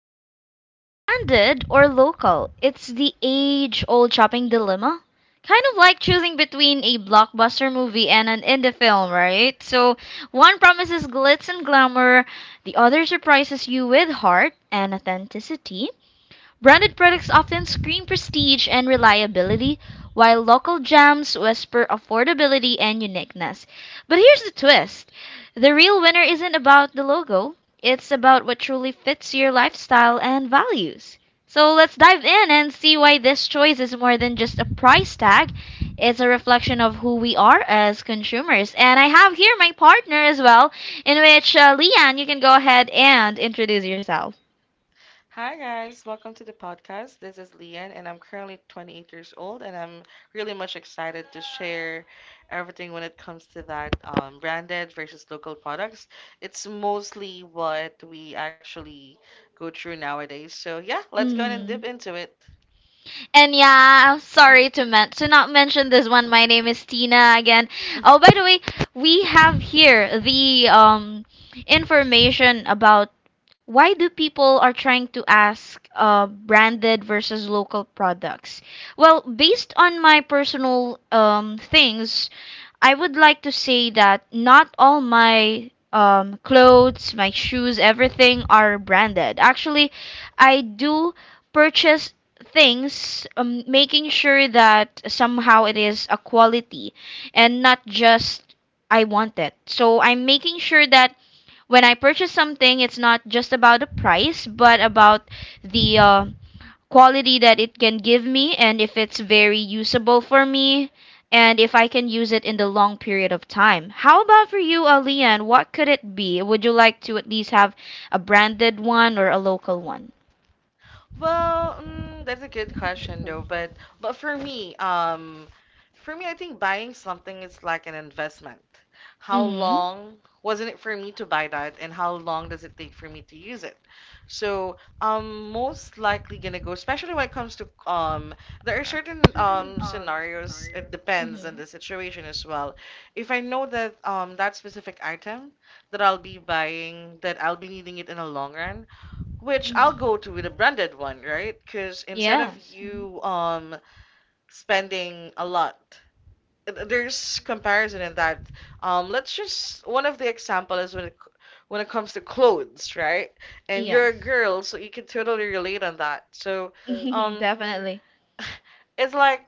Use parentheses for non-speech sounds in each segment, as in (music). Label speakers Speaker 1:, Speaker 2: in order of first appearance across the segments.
Speaker 1: world. So, branded or local? It's the age old shopping dilemma. Kind of like choosing between a blockbuster movie and an indie film, right? So, one promises glitz and glamour, the other surprises you with heart and authenticity. Branded products often scream prestige and reliability, while local jams whisper affordability and uniqueness. But here's the twist, the real winner isn't about the logo, it's about what truly fits your lifestyle and values. So let's dive in and see why this choice is more than just a price tag. It's a reflection of who we are as consumers. And I have here my partner as well, in which, Leanne, you can go ahead and introduce yourself.
Speaker 2: Hi guys, welcome to the podcast. This is Leanne and I'm currently 28 years old and I'm really much excited to share everything when it comes to that branded versus local products. It's mostly what we actually go through nowadays. So yeah, let's go ahead and dip
Speaker 1: Mm.
Speaker 2: into it.
Speaker 1: And yeah, I'm sorry to, to not mention this one. My name is Tina again. Oh, by the way, we have here the information about why do people are trying to ask branded versus local products. Well, based on my personal things, I would like to say that not all my clothes, my shoes, everything are branded. Actually, I do purchase things, making sure that somehow it is a quality and not just I want it. So I'm making sure that when I purchase something, it's not just about the price, but about the quality that it can give me and if it's very usable for me and if I can use it in the long period of time. How about for you, Alian? What could it be? Would you like to at least have a branded one or a local one?
Speaker 2: That's a good question though, but for me, I think buying something is like an investment. How
Speaker 1: Mm-hmm.
Speaker 2: long wasn't it for me to buy that, and how long does it take for me to use it? So I'm most likely gonna go, especially when it comes to there are certain scenarios. It depends on
Speaker 1: Mm-hmm.
Speaker 2: the situation as well. If I know that specific item that I'll be buying, that I'll be needing it in a long run which I'll
Speaker 1: Mm-hmm.
Speaker 2: go to with a branded one, right? Because instead of
Speaker 1: Yes. Hmm.
Speaker 2: you spending a lot, there's comparison in that. Let's just one of the example is when it comes to clothes, right? And you're a
Speaker 1: Yes.
Speaker 2: girl, so you can totally relate on that. So,
Speaker 1: (laughs) Okay.
Speaker 2: um,
Speaker 1: Definitely.
Speaker 2: (laughs) (sighs) it's like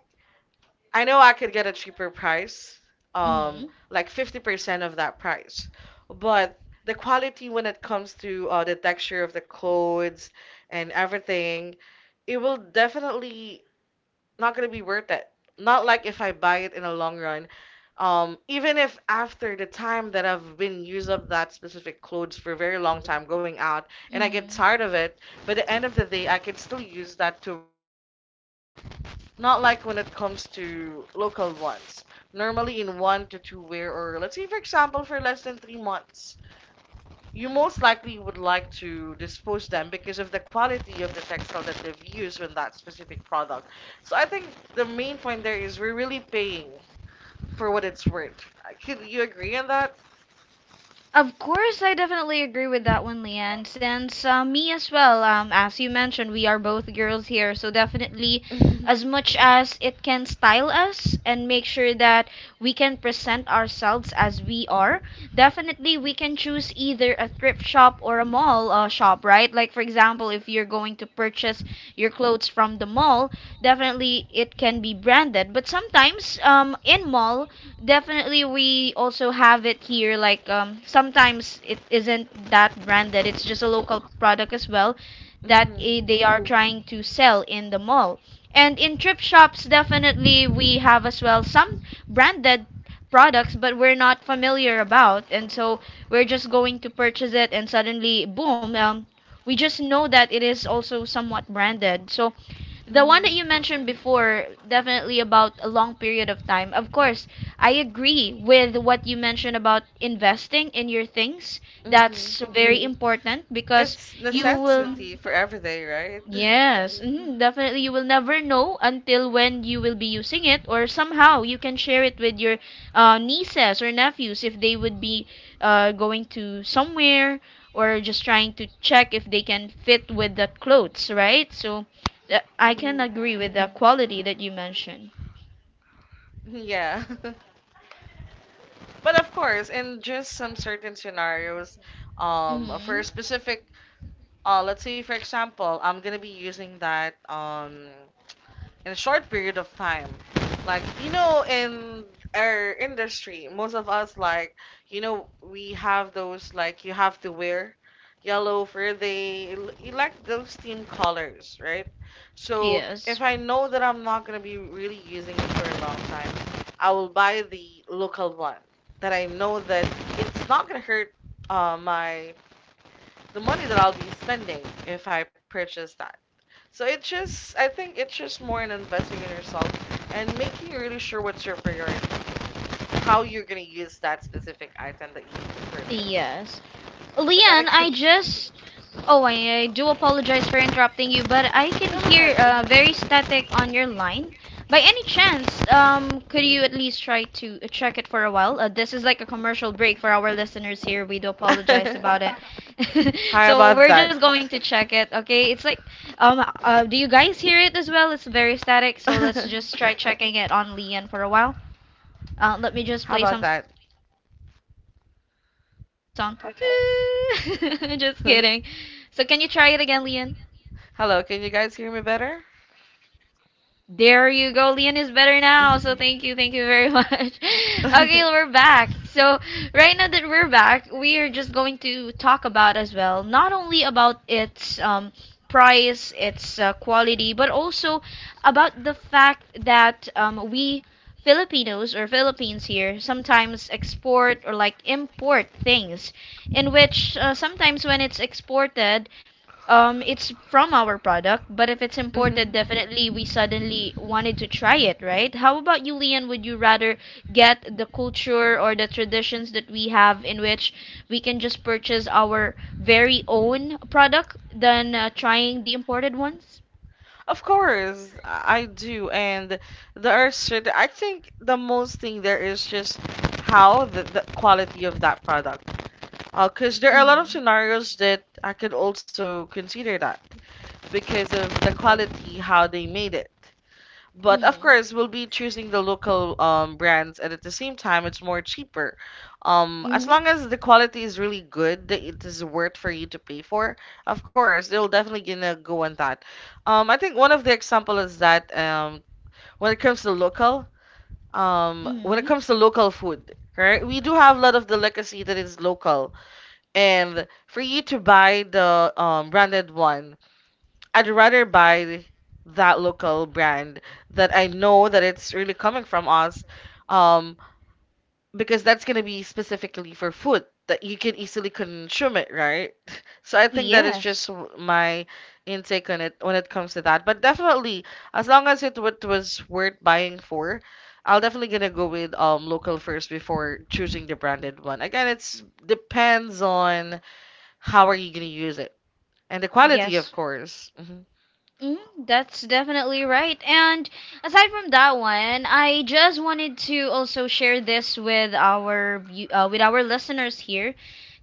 Speaker 2: I know I could get a cheaper price,
Speaker 1: Hmm.
Speaker 2: like 50% of that price, but the quality when it comes to the texture of the clothes and everything it will definitely not gonna be worth it. Not like if I buy it in a long run. Even if after the time that I've been used of that specific clothes for a very long time going out and I get
Speaker 1: Mm-hmm.
Speaker 2: tired of it, by the end of the day I can still use that to wear at home. Not like when it comes to local ones. Normally in one to two wear or let's say for example for less than 3 months you most likely would like to dispose them because of the quality of the textile that they've used with that specific product. So I think the main point there is we're really paying for what it's worth. Could you agree on that? (laughs)
Speaker 1: Of course, I definitely agree with that one, Leanne. Since me as well, as you mentioned, we are both girls here, so definitely, as much as it can style us and make sure that we can present ourselves as we are, definitely we can choose either a thrift shop or a mall shop, right? Like, for example, if you're going to purchase your clothes from the mall, definitely it can be branded. But sometimes, in mall, definitely we also have it here like um, sometimes it isn't that branded, it's just a local product as well that
Speaker 2: Mhm.
Speaker 1: they are trying to sell in the mall, and in trip shops definitely we have as well some branded products but we're not familiar about, and so we're just going to purchase it and suddenly boom, um, we just know that it is also somewhat branded. So
Speaker 2: Mhm.
Speaker 1: the one that you
Speaker 2: Mhm.
Speaker 1: mentioned before, definitely about a long period of time. Of course, I agree with what you mentioned about investing in your things.
Speaker 2: Mhm.
Speaker 1: That's very important because
Speaker 2: It's
Speaker 1: you
Speaker 2: necessity
Speaker 1: will.
Speaker 2: for every day, right? (laughs)
Speaker 1: Yes, mhm, definitely. You will never know until when you will be using it, or somehow you can share it with your nieces or nephews if they would be going to somewhere or just trying to check if they can fit with the clothes, right? So I can
Speaker 2: Mhm.
Speaker 1: agree with the quality that you mentioned.
Speaker 2: Yeah. (laughs) But of course, in just some certain scenarios, for
Speaker 1: Hmm.
Speaker 2: a specific, let's say for example, I'm gonna be using that, in a short period of time. Like, you know, in our industry, most of us, like, you know, we have those, like, you have to wear yellow for the, you like those team colors, right? So,
Speaker 1: Yes.
Speaker 2: if I know that I'm not going to be really using it for a long time, I will buy the local one that I know that it's not going to hurt my, the money that I'll be spending if I purchase that. So it's just, I think it's just more in investing in yourself and making really sure what's your priority, how you're gonna use that specific item that you purchase.
Speaker 1: Yes.
Speaker 2: But that
Speaker 1: Leanne,
Speaker 2: again,
Speaker 1: I just Oh, I do apologize for interrupting you, but I can hear
Speaker 2: (laughs)
Speaker 1: very static on your line. By any chance, could you at least try to check it for a while? This is like a commercial break for our listeners here. We do apologize
Speaker 2: God,
Speaker 1: about it.
Speaker 2: (laughs)
Speaker 1: (laughs)
Speaker 2: how about
Speaker 1: So we're
Speaker 2: that?
Speaker 1: just going to check it, okay? It's like, do you guys hear it as well? It's very static, so let's
Speaker 2: (laughs)
Speaker 1: just try checking it on Lian for a while. Let me
Speaker 2: How
Speaker 1: just play
Speaker 2: about
Speaker 1: some
Speaker 2: that?
Speaker 1: song. (laughs) Just kidding. So can you try it again, Lian?
Speaker 2: (laughs) Hello, can you guys hear me better?
Speaker 1: There you go. Leon is better now. So thank you. Thank you
Speaker 2: (laughs)
Speaker 1: very much. (laughs) Okay, we're
Speaker 2: Hmm.
Speaker 1: back. So right now that we're back, we are just going to talk about as well, not only about its um, price, its quality, but also about the fact that um, we Filipinos or Philippines here sometimes export or like import things in which sometimes when it's exported it's from our product, but if it's imported, definitely we suddenly wanted to try it, right? How about you, Leon? Would you rather get the culture or the traditions that we have in which we can just purchase our very own product than trying the imported ones?
Speaker 2: Of course, I do, and there are certain. I think the most thing there is just how the quality of that product. Because there are a lot of
Speaker 1: Mm.
Speaker 2: scenarios that I could also consider that because of the quality, how they made it. But of
Speaker 1: Mm.
Speaker 2: course, we'll be choosing the local brands, and at the same time, it's more cheaper. As long
Speaker 1: Mm.
Speaker 2: as the quality is really good, that it is worth for you to pay for. Of course, they'll definitely gonna go on that. I think one of the example is that when it comes to local, when it
Speaker 1: Mm.
Speaker 2: comes to local food, right? We do have a lot of delicacy that is local and for you to buy the branded one, I'd rather buy that local brand that I know that it's really coming from us, um, because that's gonna be specifically for food that you can easily consume it, right? (laughs) So I think that is just
Speaker 1: Yes.
Speaker 2: my intake on it when it comes to that. But definitely, as long as it what was worth buying for, I'll definitely gonna go with local first before choosing the branded one. Again, it's depends on how are you going to use it? And the quality, of
Speaker 1: Yes.
Speaker 2: course. Mhm.
Speaker 1: Mm, that's definitely right. And aside from that one, I just wanted to also share this with our with our listeners here,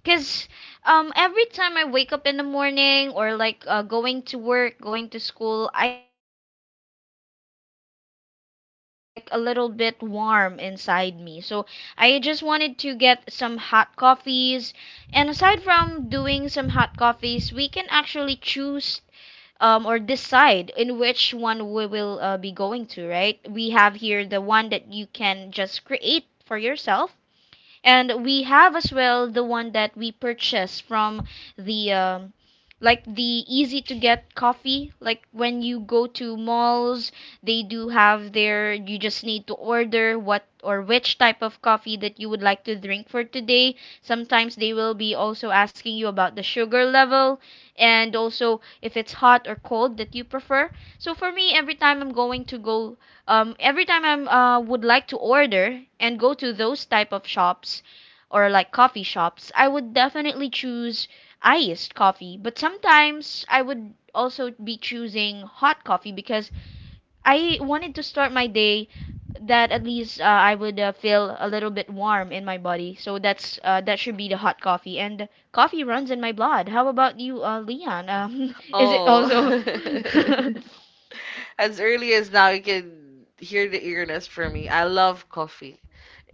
Speaker 1: because um, every time I wake up in the morning or like going to work, going to school, I would wanted to taste some coffee, like a little bit warm inside me. So I just wanted to get some hot coffees. And aside from doing some hot coffees, we can actually choose or decide in which one we will be going to, right? We have here the one that you can just create for yourself, and we have as well the one that we purchase from the like the easy to get coffee. Like when you go to malls, they do have their, you just need to order what or which type of coffee that you would like to drink for today. Sometimes they will be also asking you about the sugar level, and also if it's hot or cold that you prefer. So for me, every time I'm going to go, every time I'm would like to order and go to those type of shops, or like coffee shops, I would definitely choose iced coffee, but sometimes I would also be choosing hot coffee because I wanted to start my day that at least I would feel a little bit warm in my body. So that's that should be the hot coffee, and coffee runs in my blood. How about you, Leon? (laughs) Is it
Speaker 2: Oh,
Speaker 1: also (laughs)
Speaker 2: (laughs) as early as now, you can hear the eagerness from me. I love coffee.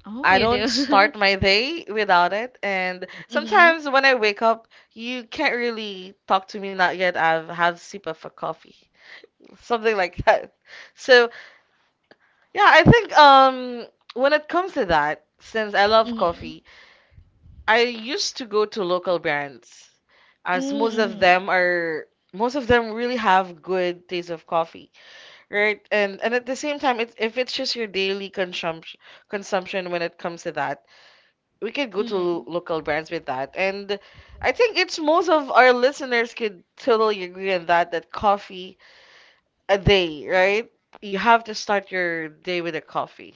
Speaker 1: Oh,
Speaker 2: I
Speaker 1: you
Speaker 2: don't start
Speaker 1: do. (laughs)
Speaker 2: my day without it. And
Speaker 1: Mm-hmm.
Speaker 2: sometimes when I wake up, you can't really talk to me, not yet. I've had a sip of a coffee, something like (laughs) that. So, yeah, I think when it comes to that, since I love
Speaker 1: Mm-hmm.
Speaker 2: coffee, I used to go to local brands as
Speaker 1: Mm-hmm.
Speaker 2: most of them really have good taste of coffee, right? And at the same time, it's if it's just your daily consumption when it comes to that, we could go to
Speaker 1: Mm.
Speaker 2: local brands with that. And I think it's most of our listeners could totally agree on that that coffee a day, right? You have to start your day with a coffee.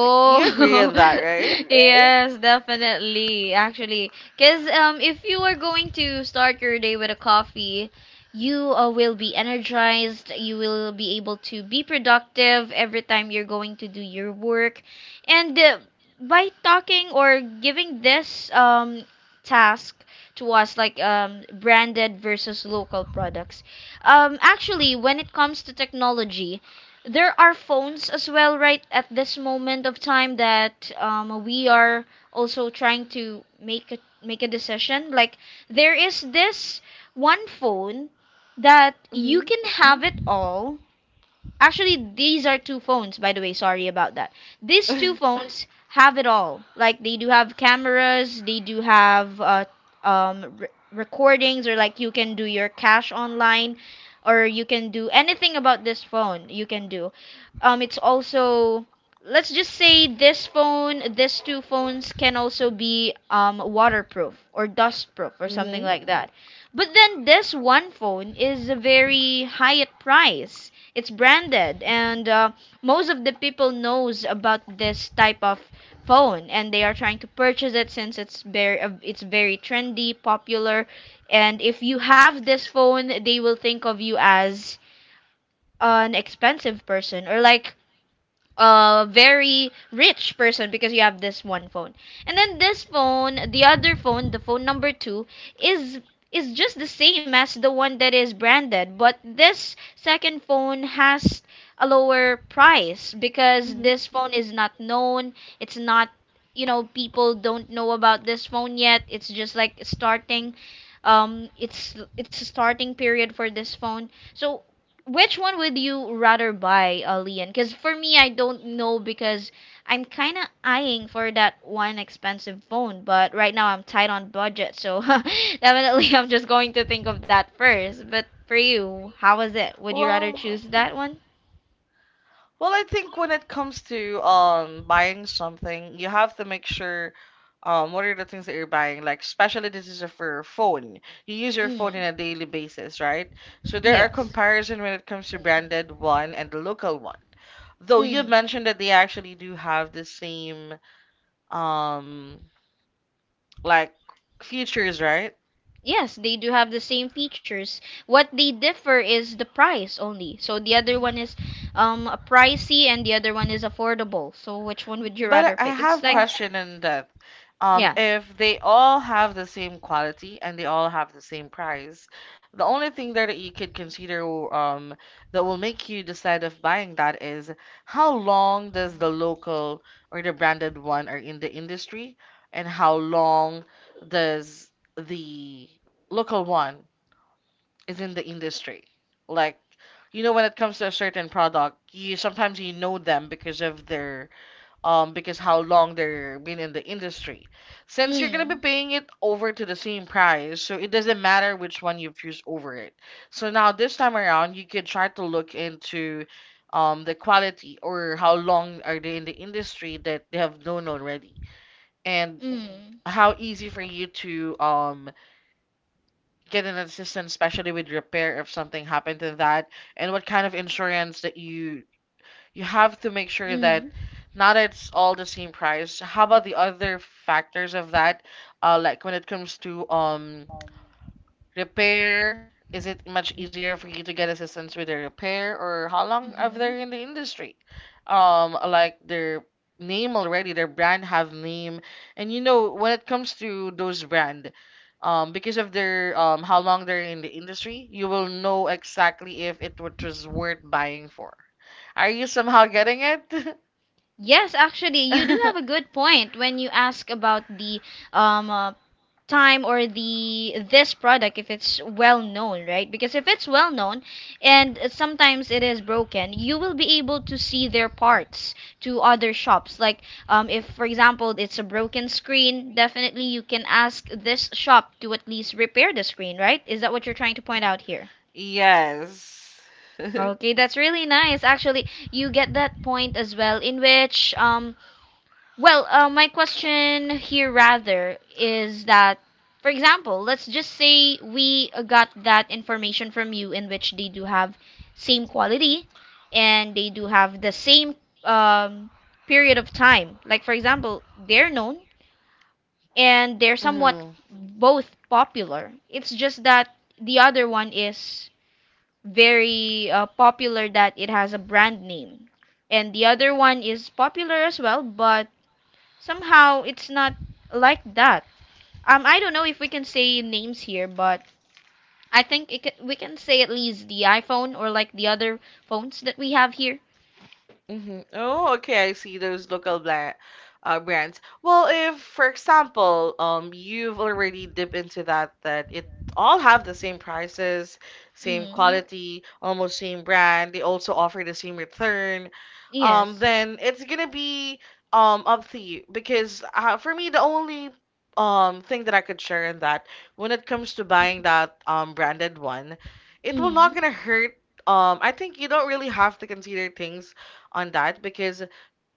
Speaker 2: Like, you agree on that, right?
Speaker 1: (laughs) yes, definitely. Actually, because if you are going to start your day with a coffee, you will be energized. You will be able to be productive every time you're going to do your work. And by talking or giving this task to us, like branded versus local products, actually, when it comes to technology, there are phones as well right at this moment of time that we are also trying to make a decision like there is this one phone that you
Speaker 2: Mm-hmm.
Speaker 1: can have it all. Actually, these are two phones, by the way. Sorry about that. These two
Speaker 2: (laughs)
Speaker 1: phones have it all. Like they do have cameras, they do have recordings, or like you can do your cash online, or you can do anything about this phone. You can do. It's also, let's just say this phone, these two phones can also be waterproof or dustproof or something
Speaker 2: Mm-hmm.
Speaker 1: like that. But then this one phone is a very high at price, it's branded and most of the people knows about this type of phone and they are trying to purchase it since it's very trendy popular, and if you have this phone they will think of you as an expensive person or like a very rich person because you have this one phone. And then this phone, the other phone, the phone number 2 is is just the same as the one that is branded, but this second phone has a lower price because
Speaker 2: Hmm.
Speaker 1: this phone is not known. It's not, you know, people don't know about this phone yet. It's just like starting, um, it's a starting period for this phone. So which one would you rather buy, Leon? Because for me, I don't know because I'm kind of eyeing for that one expensive phone, but right now I'm tight on budget, so (laughs) definitely I'm just going to think of that first. But for you, how is it? Would you rather
Speaker 2: Well,
Speaker 1: choose that one?
Speaker 2: Well, I think when it comes to buying something, you have to make sure what are the things that you're buying. Like especially this is for phone. You use your phone on
Speaker 1: Mm,
Speaker 2: a daily basis, right? So there are
Speaker 1: yes.
Speaker 2: comparison when it comes to branded one and the local one. Though you
Speaker 1: Mm.
Speaker 2: mentioned that they actually do have the same um like features, right?
Speaker 1: Yes, they do have the same features. What they differ is the price only. So the other one is um, pricey and the other one is affordable. So which one would you rather
Speaker 2: But I
Speaker 1: pick? It's
Speaker 2: have
Speaker 1: like,
Speaker 2: question in that.
Speaker 1: yes.
Speaker 2: If they all have the same quality and they all have the same price, the only thing there that you could consider um, that will make you decide of buying that is how long does the local or the branded one are in the industry, and how long does the local one is in the industry? Like, you know, when it comes to a certain product, you sometimes you know them because of their because how long they're been in the industry. Since you're gonna be
Speaker 1: Mm,
Speaker 2: paying it over to the same price, so it doesn't matter which one you've used over it. So now this time around, you could try to look into the quality or how long are they in the industry that they have known already, and
Speaker 1: mm,
Speaker 2: how easy for you to get an assistance, especially with repair if something happened to that, and what kind of insurance that you have to make sure that
Speaker 1: mm,
Speaker 2: not it's all the same price. How about the other factors of that? Like when it comes to repair, is it much easier for you to get assistance with the repair, or how long have
Speaker 1: mm-hmm.
Speaker 2: they in the industry? Like their name already, their brand have name, and you know when it comes to those brand, because of their how long they're in the industry, you will know exactly if it what was worth buying for. Are you somehow getting it?
Speaker 1: Yes, actually, you do have a
Speaker 2: (laughs)
Speaker 1: good point when you ask about the um uh, time or the this product if it's well known, right? Because if it's well known and sometimes it is broken, you will be able to see their parts to other shops. Like um, if for example it's a broken screen, definitely you can ask this shop to at least repair the screen, right? Is that what you're trying to point out here?
Speaker 2: Yes. (laughs)
Speaker 1: Okay, that's really nice. Actually, you get that point as well, in which, my question here rather is that, for example, let's just say we got that information from you in which they do have same quality and they do have the same um, period of time. Like, for example, they're known and they're somewhat
Speaker 2: Hmm.
Speaker 1: both popular. It's just that the other one is very popular that it has a brand name. And the other one is popular as well, but somehow it's not like that. I don't know if we can say names here, but I think we can say at least the iPhone or like the other phones that we have here.
Speaker 2: Hmm. Oh, okay. I see those local bla brands. Well, if, for example, you've already dipped into that, that it all have the same prices, same
Speaker 1: Mm.
Speaker 2: quality, almost same brand. They also offer the same return.
Speaker 1: Yes.
Speaker 2: Then it's gonna be up to you because for me the only thing that I could share in that when it comes to buying that branded one, it will not
Speaker 1: Mm.
Speaker 2: gonna hurt. I think you don't really have to consider things on that because,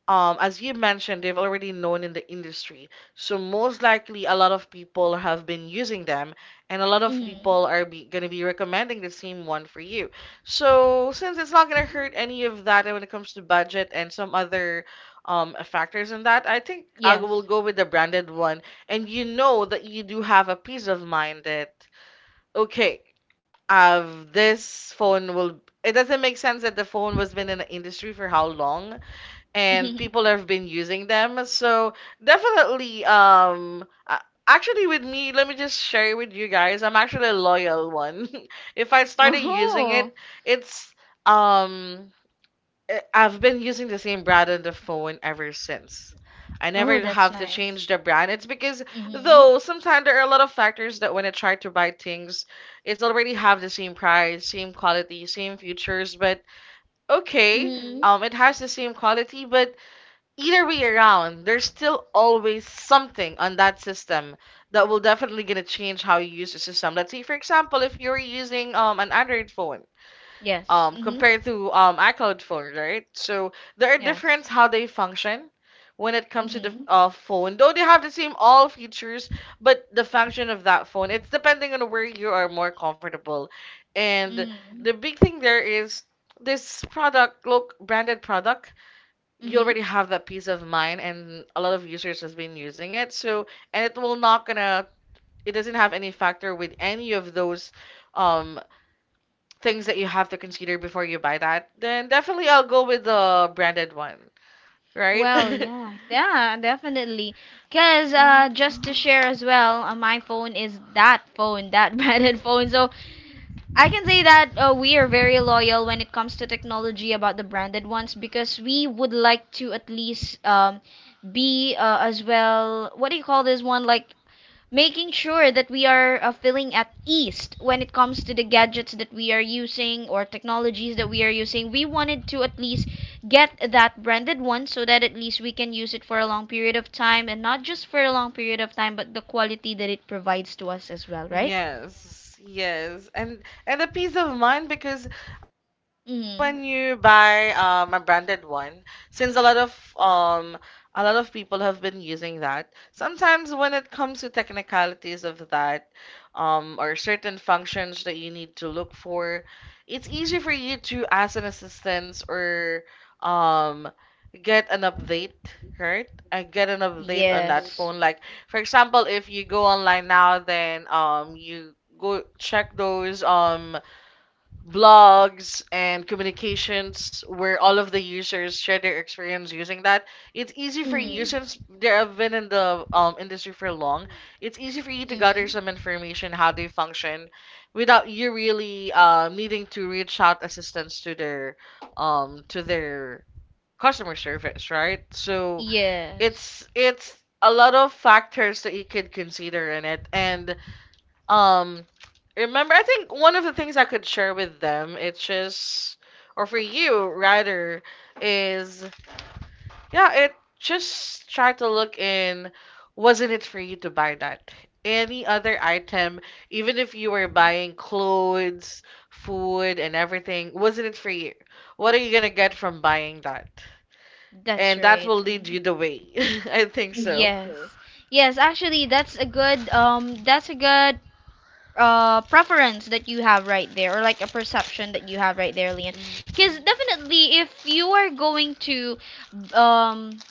Speaker 2: as you mentioned, they've already known in the industry. So most likely, a lot of people have been using them, and a lot of
Speaker 1: Mm.
Speaker 2: people are be, going to be recommending the same one for you. So since it's not going to hurt any of that when it comes to budget and some other factors in that, I think I will
Speaker 1: Yes.
Speaker 2: go with the branded one. And you know that you do have a peace of mind that, okay, uh, this phone will. It doesn't make sense that the phone was been in the industry for how long, and people
Speaker 1: (laughs)
Speaker 2: have been using them. So definitely, actually with me, let me just share with you guys. I'm actually a loyal one. (laughs) If I started using
Speaker 1: Oh.
Speaker 2: it, it's um, I've been using the same brand on the phone ever since. I
Speaker 1: Oh,
Speaker 2: never
Speaker 1: that's
Speaker 2: have to
Speaker 1: nice.
Speaker 2: change the brand. It's because
Speaker 1: Mm-hmm.
Speaker 2: though sometimes there are a lot of factors that when I try to buy things, it's already have the same price, same quality, same features, but okay,
Speaker 1: Mm-hmm.
Speaker 2: it has the same quality, but either way around, there's still always something on that system that will definitely gonna change how you use the system. Let's say, for example, if you're using an Android phone,
Speaker 1: Yes. Mm-hmm.
Speaker 2: compared to iCloud phone, right? So there are different
Speaker 1: Yes.
Speaker 2: how they function when it comes
Speaker 1: Mm-hmm.
Speaker 2: to
Speaker 1: Yes
Speaker 2: the
Speaker 1: yes
Speaker 2: phone. Though they have the same all features, but the function of that phone, it's depending on where you are more comfortable. And
Speaker 1: hmm
Speaker 2: the big thing there is this product, look, branded product, you
Speaker 1: Mm-hmm.
Speaker 2: already have that peace of mind and a lot of users has been using it, so and it will not gonna it doesn't have any factor with any of those um things that you have to consider before you buy that, then definitely I'll go with the branded one, right.
Speaker 1: Well,
Speaker 2: (laughs)
Speaker 1: yeah, yeah, definitely. Cause
Speaker 2: Mhm.
Speaker 1: just to share as well, my phone is that phone, that (laughs) branded phone. So I can say that we are very loyal when it comes to technology about the branded ones because we would like to at least be as well. What do you call this one? Like making sure that we are feeling at ease when it comes to the gadgets that we are using or technologies that we are using. We wanted to at least get that branded one so that at least we can use it for a long period of time and not just for a long period of time, but the quality that it provides to us as well, right?
Speaker 2: Yes, yes, and the peace of mind, because sometimes
Speaker 1: Mm.
Speaker 2: when you buy a branded one, since um a lot of people have been using that, sometimes when it comes to technicalities of that, or certain functions that you need to look for, it's easy for you to ask an assistance or um get an update, right? And get an update on that
Speaker 1: Yes.
Speaker 2: phone. Like for example, if you go online now, then you go check those blogs and communications where all of the users share their experience using that. It's easy for you
Speaker 1: Mm.
Speaker 2: since they have been in the industry for long. It's easy for you to gather
Speaker 1: Mm.
Speaker 2: some information how they function without you really needing to reach out assistance to their customer service, right? So
Speaker 1: Yes.
Speaker 2: it's a lot of factors that you could consider in it, and um remember, I think one of the things I could share with them, it's just, or for you rather, is yeah, it just try to look in, wasn't it for you to buy that? Any other item, even if you were buying clothes, food, and everything, wasn't it for you? What are you gonna get from buying that?
Speaker 1: That's
Speaker 2: And that
Speaker 1: right.
Speaker 2: will lead
Speaker 1: Mhm.
Speaker 2: you the way. (laughs) I think so.
Speaker 1: Yes. Yes, actually that's a good preference that you have right there, or like a perception that you have right there, Lian, because definitely if you are going to um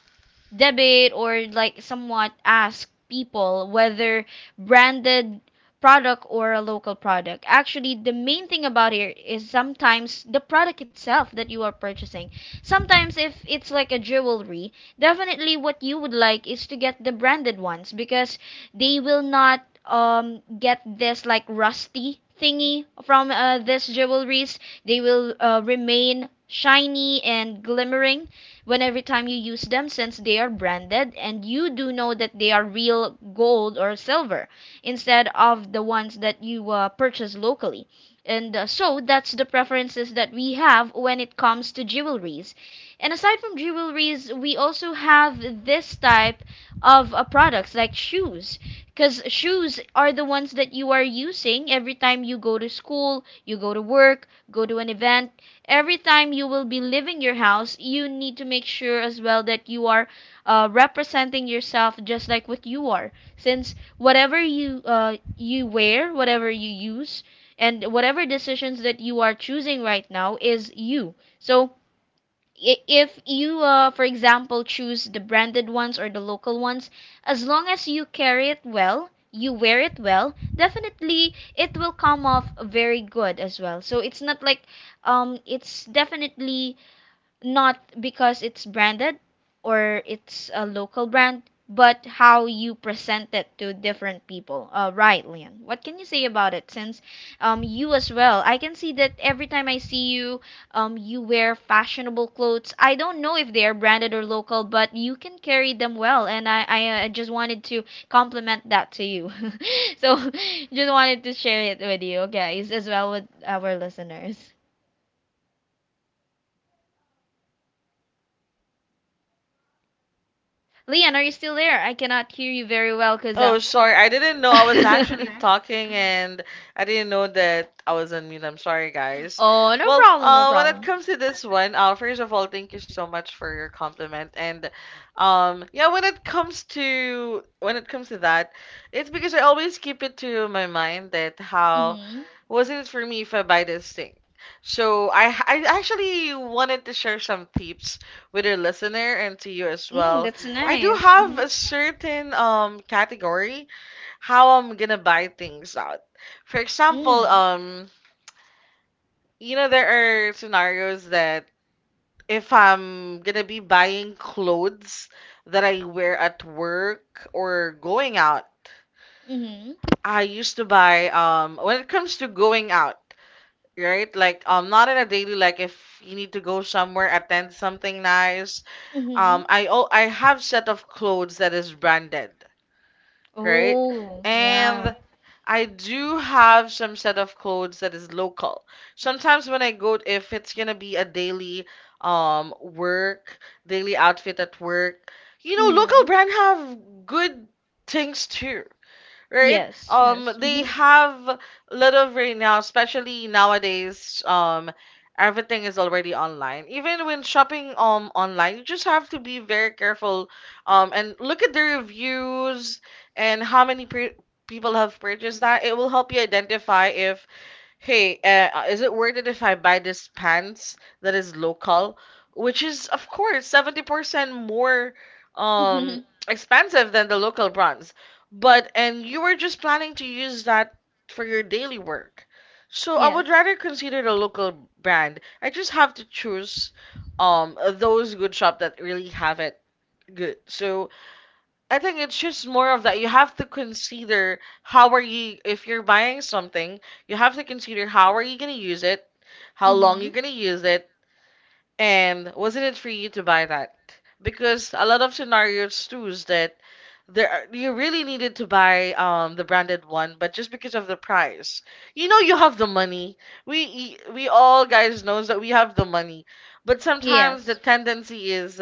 Speaker 1: debate or like somewhat ask people whether branded product or a local product. Actually, the main thing about here is sometimes the product itself that you are purchasing. Sometimes if it's like a jewelry, definitely what you would like is to get the branded ones because they will not get this like rusty thingy from this jewelries. They will remain shiny and glimmering when every time you use them since they are branded and you do know that they are real gold or silver instead of the ones that you purchase locally. And so that's the preferences that we have when it comes to jewelries. And aside from jewelries, we also have this type of products like shoes. Because shoes are the ones that you are using every time you go to school, you go to work, go to an event, every time you will be leaving your house, you need to make sure as well that you are representing yourself just like what you are. Since whatever you you wear, whatever you use, and whatever decisions that you are choosing right now is you. So if you for example choose the branded ones or the local ones, as long as you carry it well, you wear it well, definitely it will come off very good as well. So it's not like it's definitely not because it's branded or it's a local brand, but how you present it to different people. Right, Lian. What can you say about it? Since you as well, I can see that every time I see you, you wear fashionable clothes. I don't know if they are branded or local, but you can carry them well, and I just wanted to compliment that to you. (laughs) So, (laughs) just wanted to share it with you guys as well with our listeners. Leon, are you still there? I cannot hear you very well because.
Speaker 2: Oh,
Speaker 1: (laughs)
Speaker 2: sorry. I didn't know I was actually talking and I didn't know that I was on mute. I'm sorry, guys.
Speaker 1: Oh, no
Speaker 2: Well,
Speaker 1: problem, no
Speaker 2: when it
Speaker 1: problem.
Speaker 2: comes to this one, first of all, thank you so much for your compliment. And yeah, when it comes to that, it's because I always keep it to my mind that how
Speaker 1: Mm-hmm.
Speaker 2: wasn't it for me if I buy this thing? So I actually wanted to share some tips with your listener and to you as
Speaker 1: Mm,
Speaker 2: well.
Speaker 1: that's
Speaker 2: I do
Speaker 1: nice.
Speaker 2: have a
Speaker 1: Mm-hmm.
Speaker 2: certain category how I'm gonna buy things out. For example,
Speaker 1: Mm.
Speaker 2: you know, there are scenarios that if I'm gonna be buying clothes that I wear at work or going out,
Speaker 1: Mm-hmm.
Speaker 2: I used to buy when it comes to going out, right? Like not in a daily, like if you need to go somewhere, attend something nice.
Speaker 1: Mm-hmm.
Speaker 2: I I have set of clothes that is branded, right?
Speaker 1: Oh, yeah.
Speaker 2: And I do have some set of codes that is local. Sometimes when I go, if it's gonna be a daily work, daily outfit at work, you
Speaker 1: Mm.
Speaker 2: know, local
Speaker 1: Hmm.
Speaker 2: brand have good things too, right?
Speaker 1: Yes, yes.
Speaker 2: They
Speaker 1: Mm-hmm.
Speaker 2: have a lot of right now, especially nowadays. Everything is already online. Even when shopping online, you just have to be very careful. And look at the reviews and how many people have purchased that. It will help you identify if, hey, is it worth it if I buy this pants that is local, which is of course 70% more
Speaker 1: Mm-hmm.
Speaker 2: um expensive than the local brands. But and you were just planning to use that for your daily work. So I would
Speaker 1: Yes.
Speaker 2: rather consider the local brand. I just have to choose those good shop that really have it good. So I think it's just more of that. You have to consider how are you, if you're buying something, you have to consider how are you gonna use it, how long
Speaker 1: Mm-hmm.
Speaker 2: you're gonna use it, and wasn't it for you to buy that? Because a lot of scenarios too is that there are, you really needed to buy the branded one, but just because of the price, you know you have the money. We all guys knows that we have the money, but sometimes the
Speaker 1: Yes.
Speaker 2: tendency is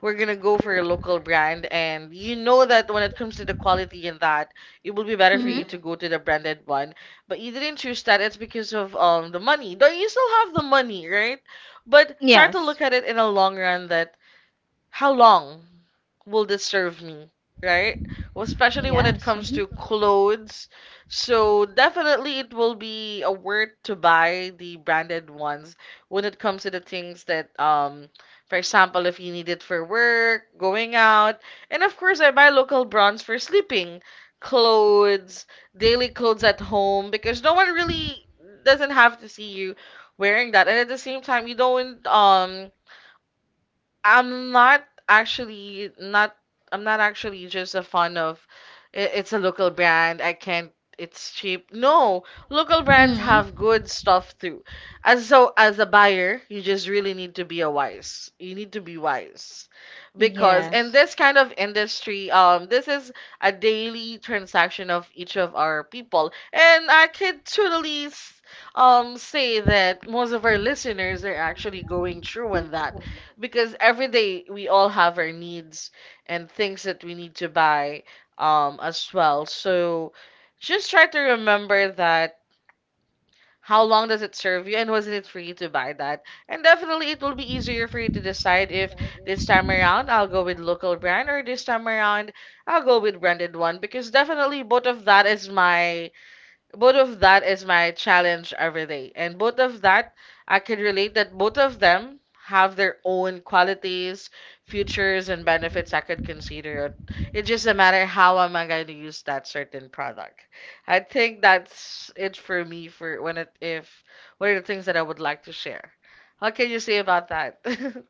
Speaker 2: we're gonna go for a local brand, and you know that when it comes to the quality and that, it will be better for you
Speaker 1: Mm-hmm.
Speaker 2: to go to the branded one. But you didn't choose that. It's because of the money. Though you still have the money, right? But try to look
Speaker 1: Yes.
Speaker 2: at it in a long run that how long will this serve me, right? Well, especially when it
Speaker 1: Yes.
Speaker 2: comes
Speaker 1: Mm-hmm.
Speaker 2: to clothes. So definitely it will be a worth to buy the branded ones when it comes to the things that for example, if you need it for work, going out, and of course I buy local brands for sleeping, clothes, daily clothes at home because no one really doesn't have to see you wearing that, and at the same time you don't I'm not actually not I'm not actually just a fan of "I- it's a local brand. I can't, it's cheap." No, local brands
Speaker 1: Mm.
Speaker 2: have
Speaker 1: Hmm.
Speaker 2: good stuff too. And so as a buyer, you just really need to be a wise. You need to be wise because in
Speaker 1: Yes.
Speaker 2: this kind of industry, this is a daily transaction of each of our people. And I could totally say that most of our listeners are actually going through on that, because every day we all have our needs and things that we need to buy as well. So just try to remember that how long does it serve you and wasn't it for you to buy that, and definitely it will be easier for you to decide if this time around I'll go with local brand or this time around I'll go with branded one, because definitely both of that is my both of that is my challenge every day. And both of that, I can relate that both of them have their own qualities, futures, and benefits I could consider. It's just a matter how am I going to use that certain product. I think that's it for me for when it if what are the things that I would like to share. What can you say about that? (laughs)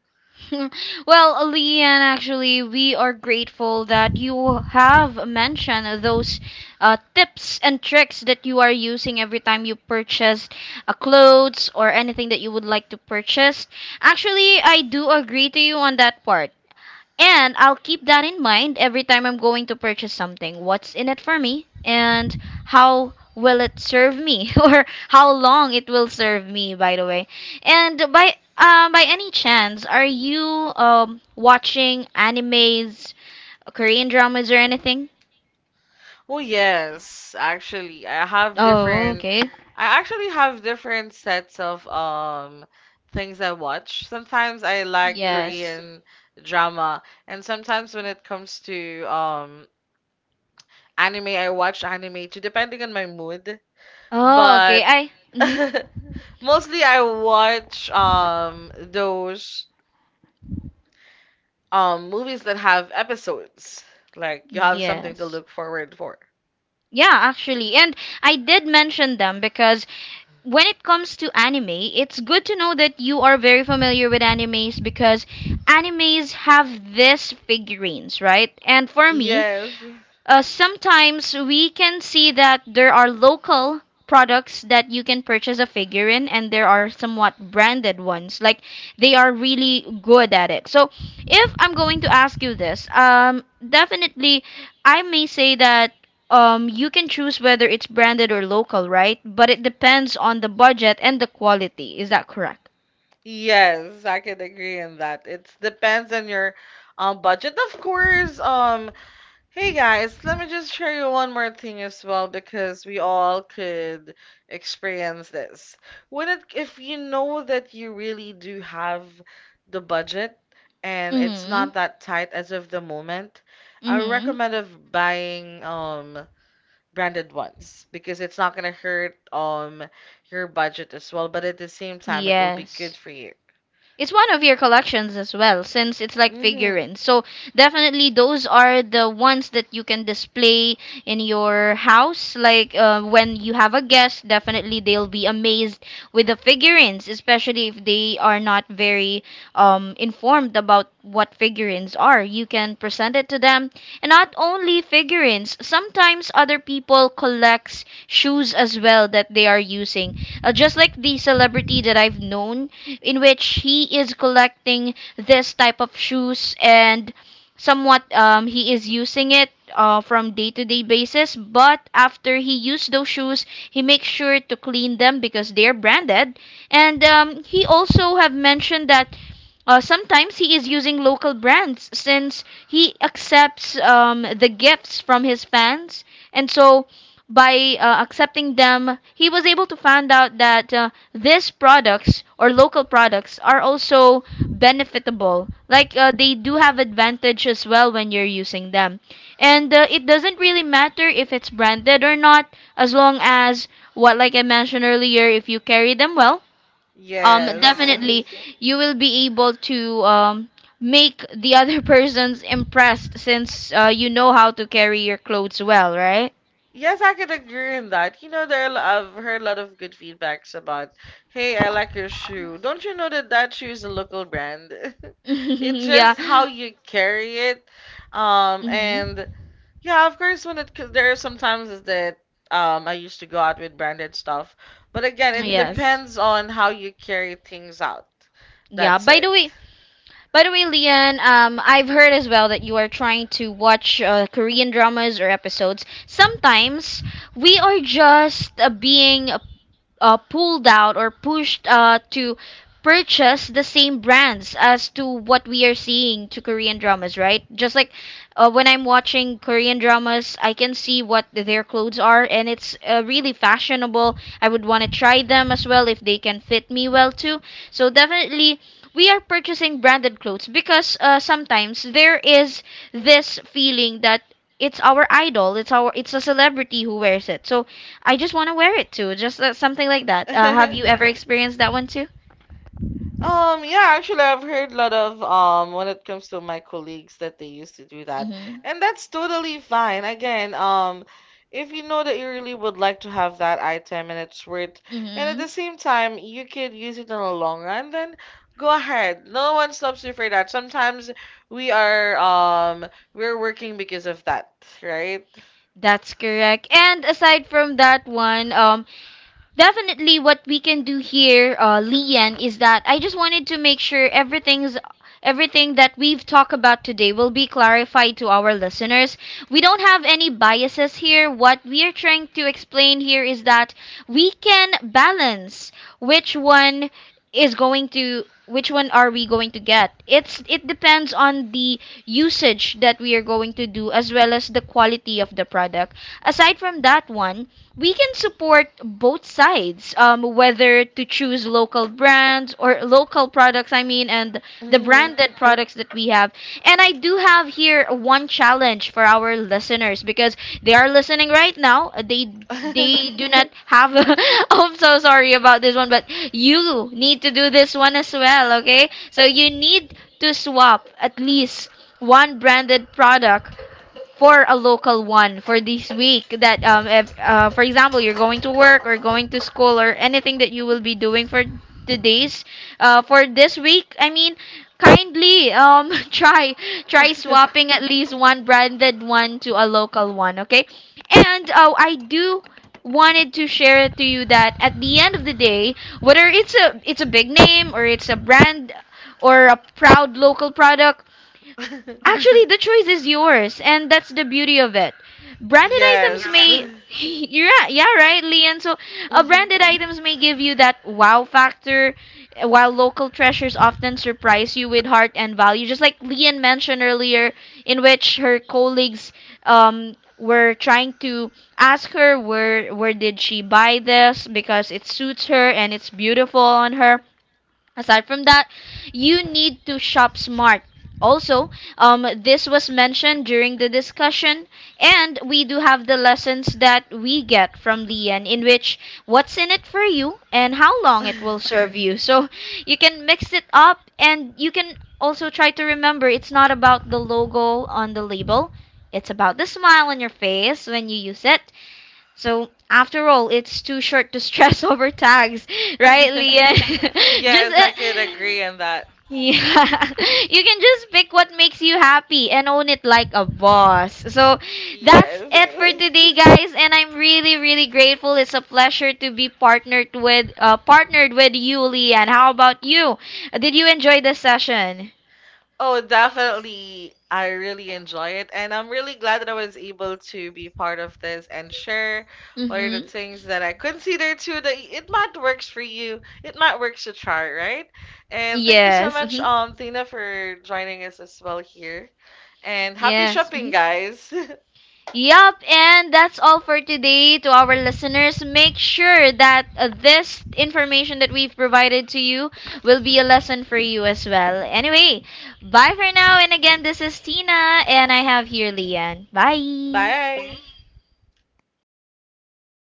Speaker 1: (laughs) Well, Leanne, actually, we are grateful that you have mentioned those tips and tricks that you are using every time you purchase clothes or anything that you would like to purchase. Actually, I do agree to you on that part. And I'll keep that in mind every time I'm going to purchase something. What's in it for me? And how will it serve me? (laughs) Or how long it will serve me, by the way. And by any chance, are you watching animes, Korean dramas, or anything?
Speaker 2: Oh yes, actually, I have
Speaker 1: Oh,
Speaker 2: different.
Speaker 1: okay.
Speaker 2: I actually have different sets of things I watch. Sometimes I like
Speaker 1: Yes.
Speaker 2: Korean drama, and sometimes when it comes to anime, I watch anime too, depending on my mood.
Speaker 1: Oh, okay.
Speaker 2: But
Speaker 1: I. Mm-hmm.
Speaker 2: (laughs) mostly I watch those movies that have episodes. Like you have something to
Speaker 1: Yes.
Speaker 2: look forward for.
Speaker 1: Yeah, actually. And I did mention them because when it comes to anime, it's good to know that you are very familiar with animes because animes have these figurines, right? And for me,
Speaker 2: Yes.
Speaker 1: sometimes we can see that there are local products that you can purchase a figure in, and there are somewhat branded ones like they are really good at it. So if I'm going to ask you this, definitely I may say that you can choose whether it's branded or local, right? But it depends on the budget and the quality. Is that correct?
Speaker 2: Yes, I can agree on that. It depends on your budget, of course. Hey guys, let me just share you one more thing as well because we all could experience this. When it, if you know that you really do have the budget and it's
Speaker 1: Mhm.
Speaker 2: not that tight as of the moment, I
Speaker 1: Mhm.
Speaker 2: recommend of buying branded ones because it's not gonna hurt your budget as well, but at the same time it will be good
Speaker 1: Yes.
Speaker 2: for you.
Speaker 1: It's one of your collections as well, since it's like
Speaker 2: Hmm.
Speaker 1: figurines. So definitely those are the ones that you can display in your house. Like when you have a guest, definitely they'll be amazed with the figurines, especially if they are not very informed about what figurines are. You can present it to them, and not only figurines. Sometimes other people collects shoes as well that they are using. Just like the celebrity that I've known, in which he is collecting this type of shoes and somewhat he is using it from day to day basis, but after he used those shoes he makes sure to clean them because they're branded, and he also have mentioned that sometimes he is using local brands since he accepts the gifts from his fans, and so by accepting them, he was able to find out that these products or local products are also benefitable. Like they do have advantage as well when you're using them. And it doesn't really matter if it's branded or not, as long as what, like I mentioned earlier, if you carry them well,
Speaker 2: Yes.
Speaker 1: definitely you will be able to make the other (laughs) persons impressed since you know how to carry your clothes well, right?
Speaker 2: Yes, I can agree on that. You know, there are, I've heard a lot of good feedbacks about, hey, I like your shoe. Don't you know that that shoe is a local brand? (laughs) It's
Speaker 1: (laughs) Yeah.
Speaker 2: just how you carry it. And
Speaker 1: Mhm.
Speaker 2: yeah, of course, when it, 'cause there are some times is that I used to go out with branded stuff. But again, it
Speaker 1: Yes.
Speaker 2: depends on how you carry things out.
Speaker 1: Yeah.
Speaker 2: That's it.
Speaker 1: By the way, Leon, I've heard as well that you are trying to watch Korean dramas or episodes. Sometimes we are just being pulled out or pushed to purchase the same brands as to what we are seeing to Korean dramas, right? Just like when I'm watching Korean dramas, I can see what their clothes are, and it's really fashionable. I would want to try them as well if they can fit me well too. So definitely, we are purchasing branded clothes because sometimes there is this feeling that it's our idol, it's a celebrity who wears it, so I just want to wear it too. Just something like that. Have you
Speaker 2: (laughs)
Speaker 1: ever experienced that one too?
Speaker 2: Yeah, actually, I've heard a lot of when it comes to my colleagues that they used to do that,
Speaker 1: Mm-hmm.
Speaker 2: and that's totally fine. Again, if you know that you really would like to have that item and it's worth, and at the
Speaker 1: Mm-hmm.
Speaker 2: same time you could use it in the long run, then go ahead. No one stops you for that. Sometimes we are um we're working because of that, right?
Speaker 1: That's correct. And aside from that one, definitely, what we can do here, Lian, is that I just wanted to make sure everything that we've talked about today will be clarified to our listeners. We don't have any biases here. What we are trying to explain here is that we can balance which one is going to, which one are we going to get. It's it depends on the usage that we are going to do, as well as the quality of the product. Aside from that one, we can support both sides, whether to choose local brands or local products, I mean, and the
Speaker 2: Mhm.
Speaker 1: branded products that we have. And I do have here one challenge for our listeners because they are listening right now. They do
Speaker 2: (laughs)
Speaker 1: not have (laughs) I'm so sorry about this one, but you need to do this one as well, okay? So you need to swap at least one branded product for a local one for this week that if for example you're going to work or going to school or anything that you will be doing for today's for this week, I mean, kindly (laughs) try swapping at least one branded one to a local one, okay? And oh, I do wanted to share it to you that at the end of the day, whether it's a big name or it's a brand, or a proud local product, actually, the choice is yours, and that's the beauty of it. Branded items
Speaker 2: Yes. (laughs)
Speaker 1: may, (laughs) yeah, yeah, right, Lian. So,
Speaker 2: Mhm.
Speaker 1: branded items may give you that wow factor, while local treasures often surprise you with heart and value. Just like Lian mentioned earlier, in which her colleagues were trying to ask her where did she buy this because it suits her and it's beautiful on her. Aside from that, you need to shop smart. Also, this was mentioned during the discussion, and we do have the lessons that we get from Lian, in which what's in it for you and how long it will serve you. So you can mix it up, and you can also try to remember it's not about the logo on the label, it's about the smile on your face when you use it. So after all, it's too short to stress (laughs) over tags, right,
Speaker 2: (laughs)
Speaker 1: Leah? (laughs) Just
Speaker 2: Yes, I can agree on that.
Speaker 1: yeah, (laughs) you can just pick what makes you happy and own it like a boss. So that's
Speaker 2: Yes.
Speaker 1: it for
Speaker 2: (laughs)
Speaker 1: today, guys. And I'm really, really grateful. It's a pleasure to be partnered with, partnered with you, Leah. And how about you? Did you enjoy the session?
Speaker 2: Oh, definitely. I really enjoy it. And I'm really glad that I was able to be part of this and share what are the
Speaker 1: Mm-hmm.
Speaker 2: things that I consider too that it might works for you. It might works to try, right? And thank you so
Speaker 1: Yes.
Speaker 2: much,
Speaker 1: Mm-hmm.
Speaker 2: Tina, for joining us as well here. And happy
Speaker 1: Yes.
Speaker 2: shopping,
Speaker 1: Mhm.
Speaker 2: guys.
Speaker 1: Yup, and that's all for today to our listeners. Make sure that this information that we've provided to you will be a lesson for you as well. Anyway, bye for now. And again, this is Tina, and I have here Lian.
Speaker 2: (laughs)
Speaker 1: Bye.
Speaker 2: Bye.